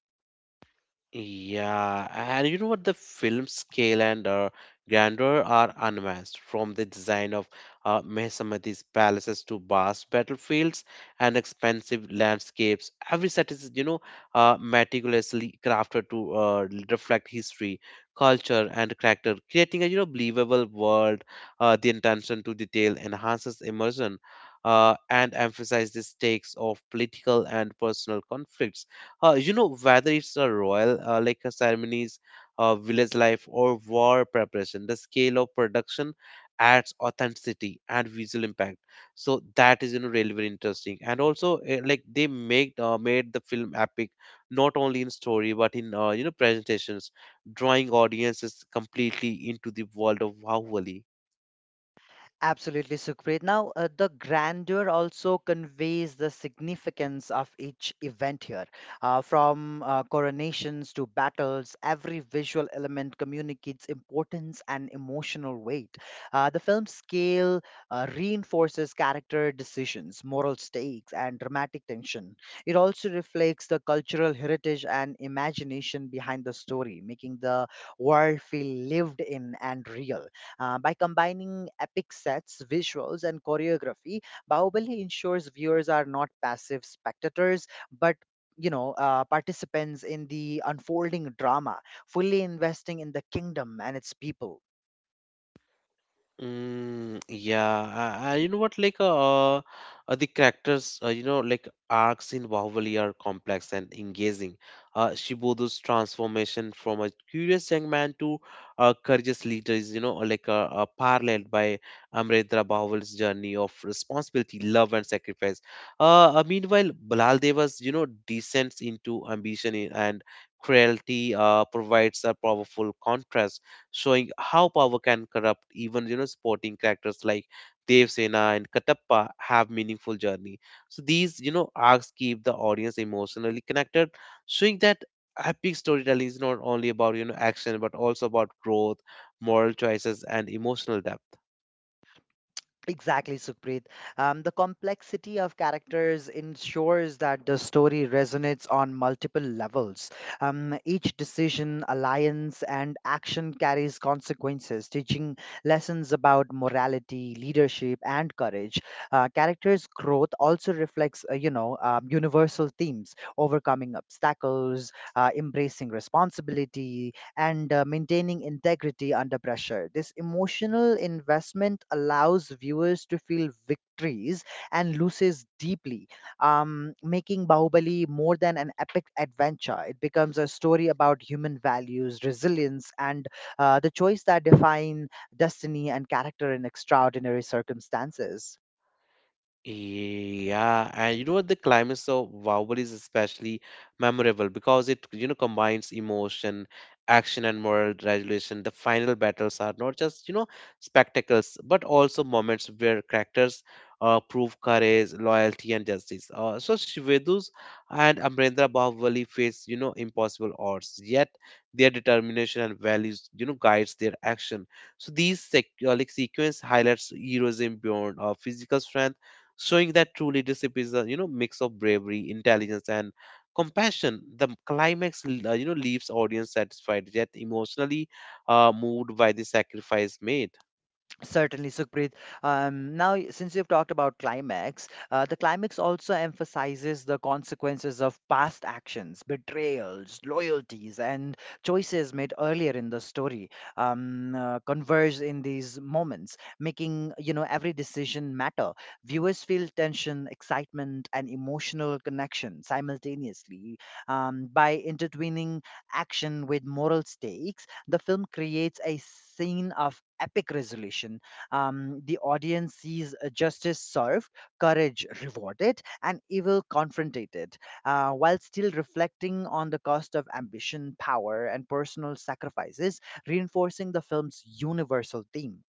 Speaker 1: Yeah, and you know what? The film scale and grandeur are unmatched, from the design of Mehesamadi's palaces to vast battlefields and expansive landscapes. Every set is, you know, meticulously crafted to reflect history, culture, and character, creating a, you know, believable world. The attention to detail enhances immersion and emphasizes the stakes of political and personal conflicts, you know, whether it's a royal like a ceremonies, village life, or war preparation, the scale of production adds authenticity and visual impact. So that is, you know, really very interesting, and also they make made the film epic not only in story but in, you know, presentations, drawing audiences completely into the world of Bahubali.
Speaker 2: Absolutely, Sukhpreet. Now, the grandeur also conveys the significance of each event here. From coronations to battles, every visual element communicates importance and emotional weight. The film's scale reinforces character decisions, moral stakes, and dramatic tension. It also reflects the cultural heritage and imagination behind the story, making the world feel lived in and real. By combining epic sets, visuals, and choreography, Bahubali ensures viewers are not passive spectators, but participants in the unfolding drama, fully investing in the kingdom and its people.
Speaker 1: Yeah, you know what? The characters, you know, like arcs in Bahubali are complex and engaging. Shibudo's transformation from a curious young man to a courageous leader is, you know, paralleled by Amrendra Bahubali's journey of responsibility, love, and sacrifice. Meanwhile, Balal Deva's, you know, descents into ambition and cruelty provides a powerful contrast, showing how power can corrupt. Even you know sporting characters like Devsena and Katappa have meaningful journey. So these, you know, arcs keep the audience emotionally connected, showing that epic storytelling is not only about, you know, action, but also about growth, moral choices, and emotional depth.
Speaker 2: Exactly, Supreet. The complexity of characters ensures that the story resonates on multiple levels. Each decision, alliance, and action carries consequences, teaching lessons about morality, leadership, and courage. Characters' growth also reflects, universal themes: overcoming obstacles, embracing responsibility, and maintaining integrity under pressure. This emotional investment allows viewers to feel victories and loses deeply, making Bahubali more than an epic adventure. It becomes a story about human values, resilience, and the choice that define destiny and character in extraordinary circumstances.
Speaker 1: Yeah, and you know what, the climax of Bahubali is especially memorable because it, you know, combines emotion, action, and moral resolution. The final battles are not just, you know, spectacles, but also moments where characters prove courage, loyalty, and justice. So Shivadu's and Amrendra Bahubali face, you know, impossible odds, yet their determination and values, you know, guides their action. So these sequence highlights heroism beyond physical strength, showing that true leadership is a, you know, mix of bravery, intelligence, and compassion. The climax, you know, leaves audience satisfied yet emotionally moved by the sacrifice made.
Speaker 2: Certainly, Sukhpreet. Now, since you've talked about climax, the climax also emphasizes the consequences of past actions, betrayals, loyalties, and choices made earlier in the story. Converge in these moments, making you know every decision matter. Viewers feel tension, excitement, and emotional connection simultaneously, by intertwining action with moral stakes, the film creates a scene of epic resolution. The audience sees justice served, courage rewarded, and evil confronted, while still reflecting on the cost of ambition, power, and personal sacrifices, reinforcing the film's universal theme.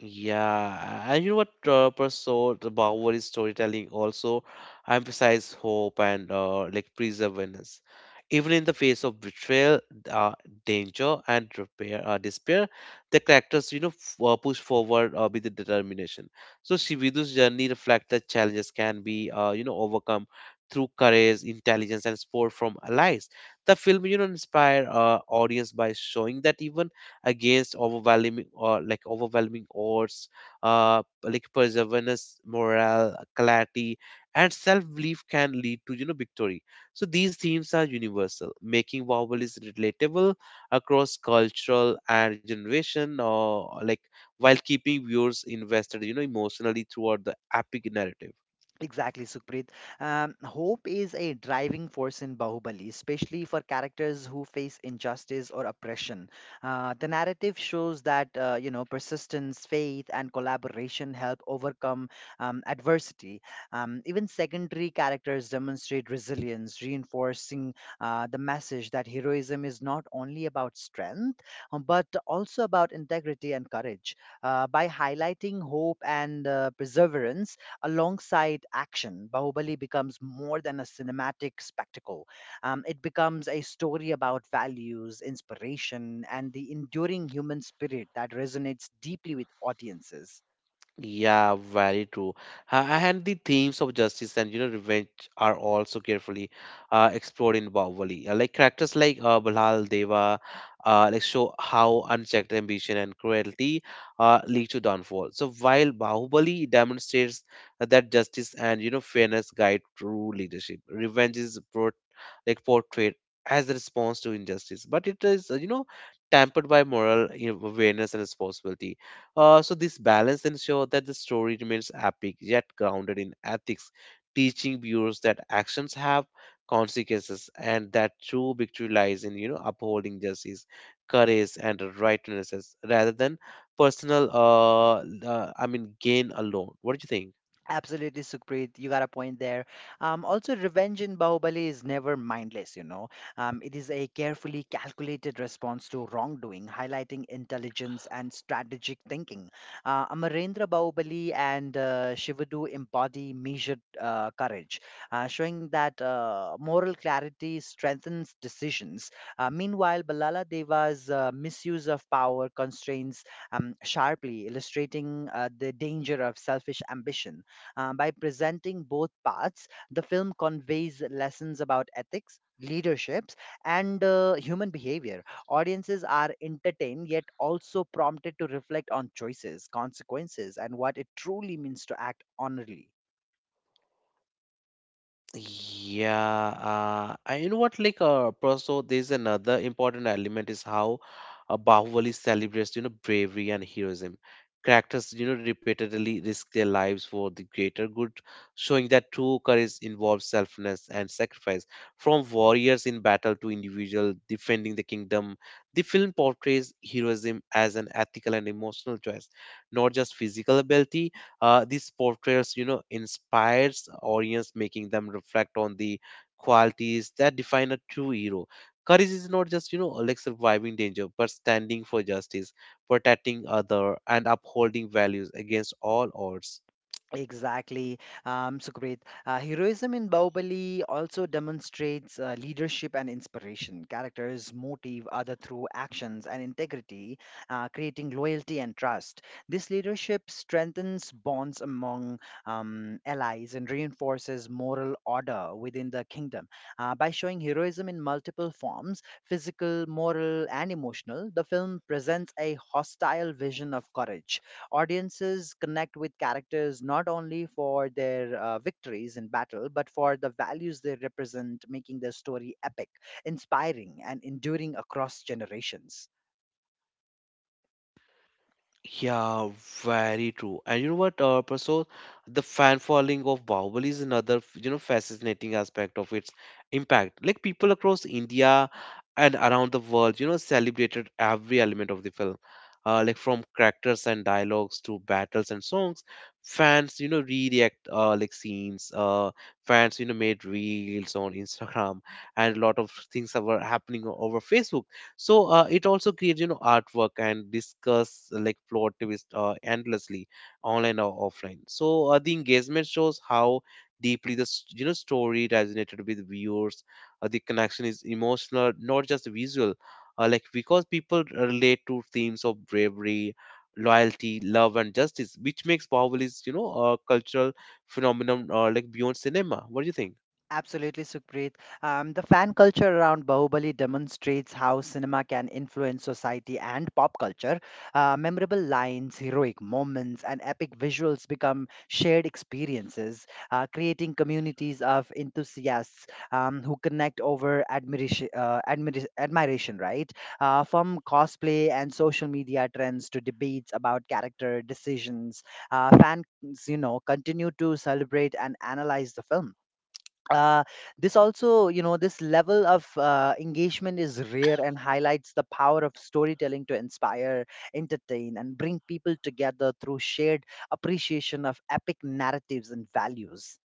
Speaker 1: Yeah, and you know what, Persaud, the Bahubali storytelling also emphasizes hope and perseverance. Even in the face of betrayal, uh, danger, and despair, the characters, you know, push forward with the determination. So Shividu's journey reflects that challenges can be, you know, overcome through courage, intelligence, and support from allies. The film, you know, inspire audience by showing that even against overwhelming odds, perseverance, morale clarity, and self-belief can lead to, you know, victory. So these themes are universal, making vowel is relatable across cultural and generation, or like while keeping viewers invested, you know, emotionally throughout the epic narrative.
Speaker 2: Exactly, Sukhpreet. Hope is a driving force in Bahubali, especially for characters who face injustice or oppression. The narrative shows that you know, persistence, faith, and collaboration help overcome adversity. Even secondary characters demonstrate resilience, reinforcing the message that heroism is not only about strength, but also about integrity and courage. By highlighting hope and perseverance alongside action, Bahubali becomes more than a cinematic spectacle. It becomes a story about values, inspiration, and the enduring human spirit that resonates deeply with audiences.
Speaker 1: Yeah, very true. And the themes of justice and, you know, revenge are also carefully explored in Bahubali. Characters like Balhal Deva, show how unchecked ambition and cruelty lead to downfall. So while Bahubali demonstrates that justice and, you know, fairness guide true leadership, revenge is brought like portrayed as a response to injustice, but it is, you know, tempered by moral, you know, awareness and responsibility. So this balance ensures that the story remains epic yet grounded in ethics, teaching viewers that actions have consequences and that true victory lies in, you know, upholding justice, courage, and righteousness rather than personal I mean gain alone. What do you think?
Speaker 2: Absolutely, Sukhpreet. You got a point there. Also, revenge in Bahubali is never mindless, you know. It is a carefully calculated response to wrongdoing, highlighting intelligence and strategic thinking. Amarendra Bahubali and Shivadu embody measured courage, showing that moral clarity strengthens decisions. Meanwhile, Balala Deva's misuse of power constrains sharply, illustrating the danger of selfish ambition. By presenting both paths, the film conveys lessons about ethics, leaderships, and human behavior. Audiences are entertained yet also prompted to reflect on choices, consequences, and what it truly means to act honorably.
Speaker 1: Yeah, you know what? Also, there's another important element is how Bahubali celebrates, you know, bravery and heroism. Characters, you know, repeatedly risk their lives for the greater good, showing that true courage involves selflessness and sacrifice. From warriors in battle to individual defending the kingdom, the film portrays heroism as an ethical and emotional choice, not just physical ability. These portraits, you know, inspires audience, making them reflect on the qualities that define a true hero. Courage is not just, you know, like surviving danger, but standing for justice, protecting other, and upholding values against all odds.
Speaker 2: Exactly, Sukrit. Heroism in Bahubali also demonstrates leadership and inspiration. Characters motive other through actions and integrity, creating loyalty and trust. This leadership strengthens bonds among allies and reinforces moral order within the kingdom. By showing heroism in multiple forms, physical, moral, and emotional, the film presents a hostile vision of courage. Audiences connect with characters not only for their victories in battle, but for the values they represent, making their story epic, inspiring, and enduring across generations.
Speaker 1: Yeah, very true. And you know what, Prasad, the fan following of Bahubali is another, you know, fascinating aspect of its impact. Like people across India and around the world, you know, celebrated every element of the film. From characters and dialogues to battles and songs, fans, you know, re-react scenes. Fans, you know, made reels on Instagram, and a lot of things that were happening over Facebook. So it also creates, you know, artwork, and discuss plot twist endlessly online or offline. So the engagement shows how deeply the you know, story resonated with viewers. The connection is emotional, not just visual, because people relate to themes of bravery, loyalty, love, and justice, which makes Bahubali is, you know, a cultural phenomenon, beyond cinema. What do you think?
Speaker 2: Absolutely, Supreet. The fan culture around Bahubali demonstrates how cinema can influence society and pop culture. Memorable lines, heroic moments, and epic visuals become shared experiences, creating communities of enthusiasts who connect over admiration, right? From cosplay and social media trends to debates about character decisions, fans, you know, continue to celebrate and analyze the film. Uh, this also you know this level of engagement is rare and highlights the power of storytelling to inspire, entertain, and bring people together through shared appreciation of epic narratives and values.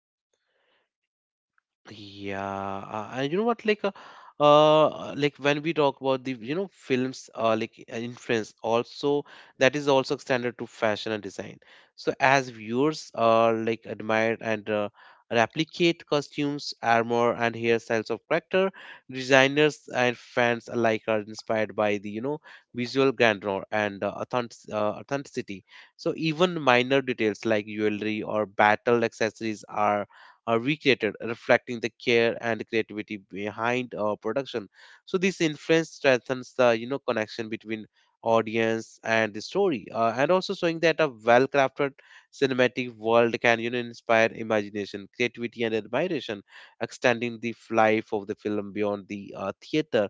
Speaker 1: Yeah, and you know what? When we talk about the, you know, films, influence, also that is also extended to fashion and design. So as viewers, admire and replicate costumes, armor, and hairstyles of character, designers and fans alike are inspired by the, you know, visual grandeur and authenticity. So even minor details like jewelry or battle accessories are recreated, reflecting the care and creativity behind our production. So this influence strengthens the, you know, connection between audience and the story, and also showing that a well-crafted cinematic world can, you know, inspire imagination, creativity, and admiration, extending the life of the film beyond the theater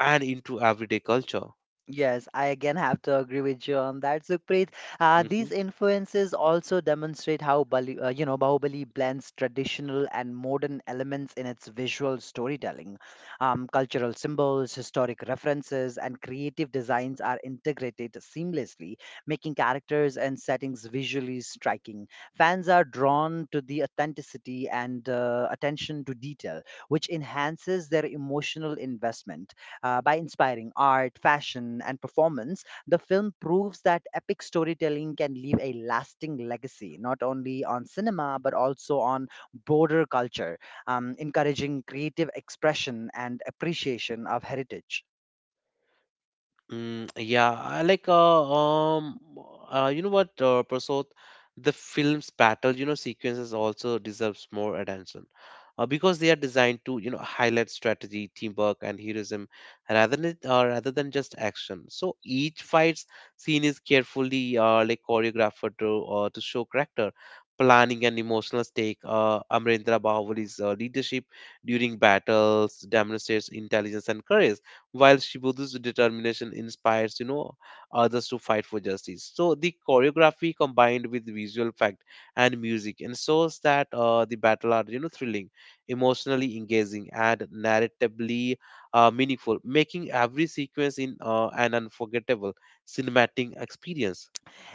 Speaker 1: and into everyday culture.
Speaker 2: Yes, I again have to agree with you on that, Sukhpreet.
Speaker 1: Mm-hmm.
Speaker 2: These influences also demonstrate how Bahubali blends traditional and modern elements in its visual storytelling. Cultural symbols, historic references, and creative designs are integrated seamlessly, making characters and settings visually striking. Fans are drawn to the authenticity and attention to detail, which enhances their emotional investment. By inspiring art, fashion, and performance, the film proves that epic storytelling can leave a lasting legacy, not only on cinema, but also on broader culture, encouraging creative expression and appreciation of heritage.
Speaker 1: Yeah, I like um, you know what, Prasad, the film's battle, you know, sequences also deserves more attention, because they are designed to, you know, highlight strategy, teamwork, and heroism, rather than rather than just action. So each fight's scene is carefully choreographed to show character, planning, and emotional stake. Amrendra Bahuli's leadership during battles demonstrates intelligence and courage, while Shibudu's determination inspires, you know, others to fight for justice. So the choreography combined with visual effect and music ensures that the battle are, you know, thrilling, emotionally engaging, and narratively meaningful, making every sequence in an unforgettable cinematic experience.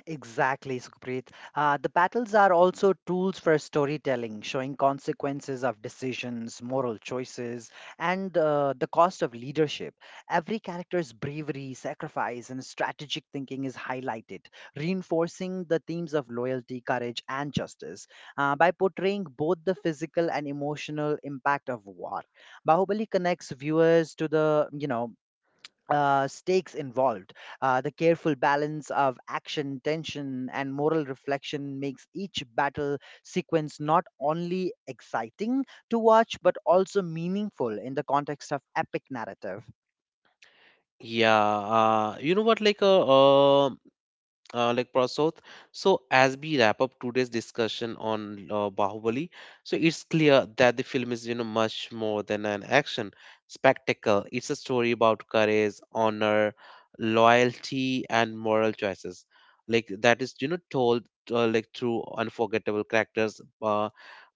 Speaker 2: Exactly, Sukhpreet. The battles are also tools for storytelling, showing consequences of decisions, moral choices, and the cost of leadership. Every character's bravery, sacrifice, and strategic thinking is highlighted, reinforcing the themes of loyalty, courage, and justice. By portraying both the physical and emotional impact of war, Bahubali connects viewers to the stakes involved. The careful balance of action, tension, and moral reflection makes each battle sequence not only exciting to watch but also meaningful in the context of epic narrative.
Speaker 1: Yeah, you know what? Prasoth. So as we wrap up today's discussion on Bahubali, so it's clear that the film is, you know, much more than an action spectacle. It's a story about courage, honor, loyalty, and moral choices. Like that is, you know, told through unforgettable characters,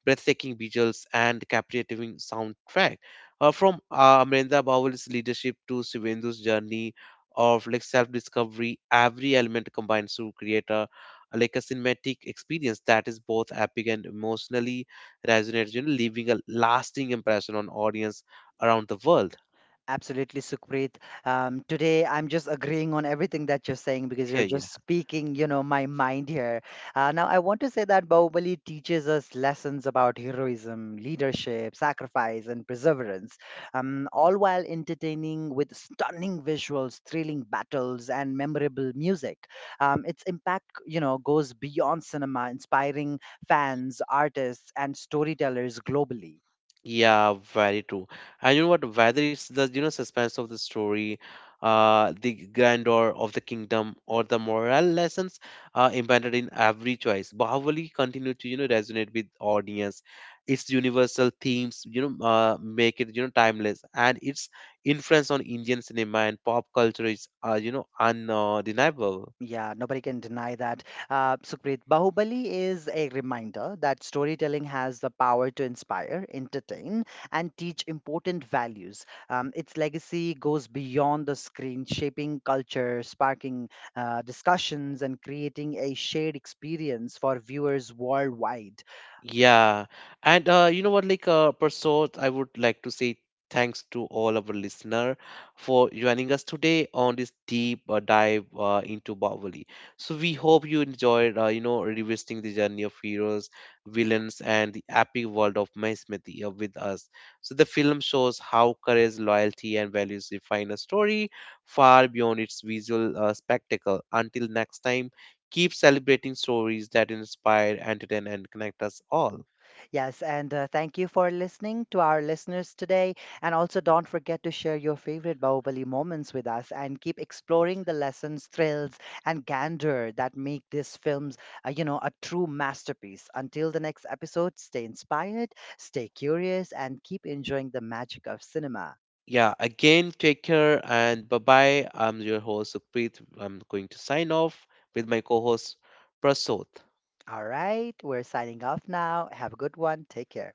Speaker 1: breathtaking visuals, and captivating soundtrack. From Amrendra Bawal's leadership to Shivendu's journey of like self-discovery, every element combines to create a cinematic experience that is both epic and emotionally resonates, you know, leaving a lasting impression on audience around the world. (laughs)
Speaker 2: Absolutely, Sukhpreet. Today, I'm just agreeing on everything that you're saying because
Speaker 1: Yeah,
Speaker 2: you're
Speaker 1: yeah.
Speaker 2: just speaking, you know, my mind here. Now, I want to say that Bahubali teaches us lessons about heroism, leadership, sacrifice, and perseverance, all while entertaining with stunning visuals, thrilling battles, and memorable music. Its impact, you know, goes beyond cinema, inspiring fans, artists, and storytellers globally.
Speaker 1: Yeah, very true. And you know what? Whether it's the, you know, suspense of the story, the grandeur of the kingdom, or the moral lessons embedded in every choice, Bahubali continued to, you know, resonate with audience. Its universal themes, you know, make it, you know, timeless, and its influence on Indian cinema and pop culture is, you know, undeniable.
Speaker 2: Yeah, nobody can deny that. Sukhpreet, Bahubali is a reminder that storytelling has the power to inspire, entertain, and teach important values. Its legacy goes beyond the screen, shaping culture, sparking discussions, and creating a shared experience for viewers worldwide.
Speaker 1: Yeah, and you know what, Prasad, I would like to say thanks to all our listener for joining us today on this deep dive into Bahubali. So we hope you enjoyed, you know, revisiting the journey of heroes, villains, and the epic world of Mahismati with us. So the film shows how courage, loyalty, and values define a story far beyond its visual spectacle. Until next time. Keep celebrating stories that inspire, entertain, and connect us all.
Speaker 2: Yes, and thank you for listening to our listeners today. And also, don't forget to share your favorite Bahubali moments with us and keep exploring the lessons, thrills, and gander that make these films, you know, a true masterpiece. Until the next episode, stay inspired, stay curious, and keep enjoying the magic of cinema.
Speaker 1: Yeah, again, take care and bye bye. I'm your host, Supreet. I'm going to sign off with my co host, Prasoth.
Speaker 2: All right, we're signing off now. Have a good one. Take care.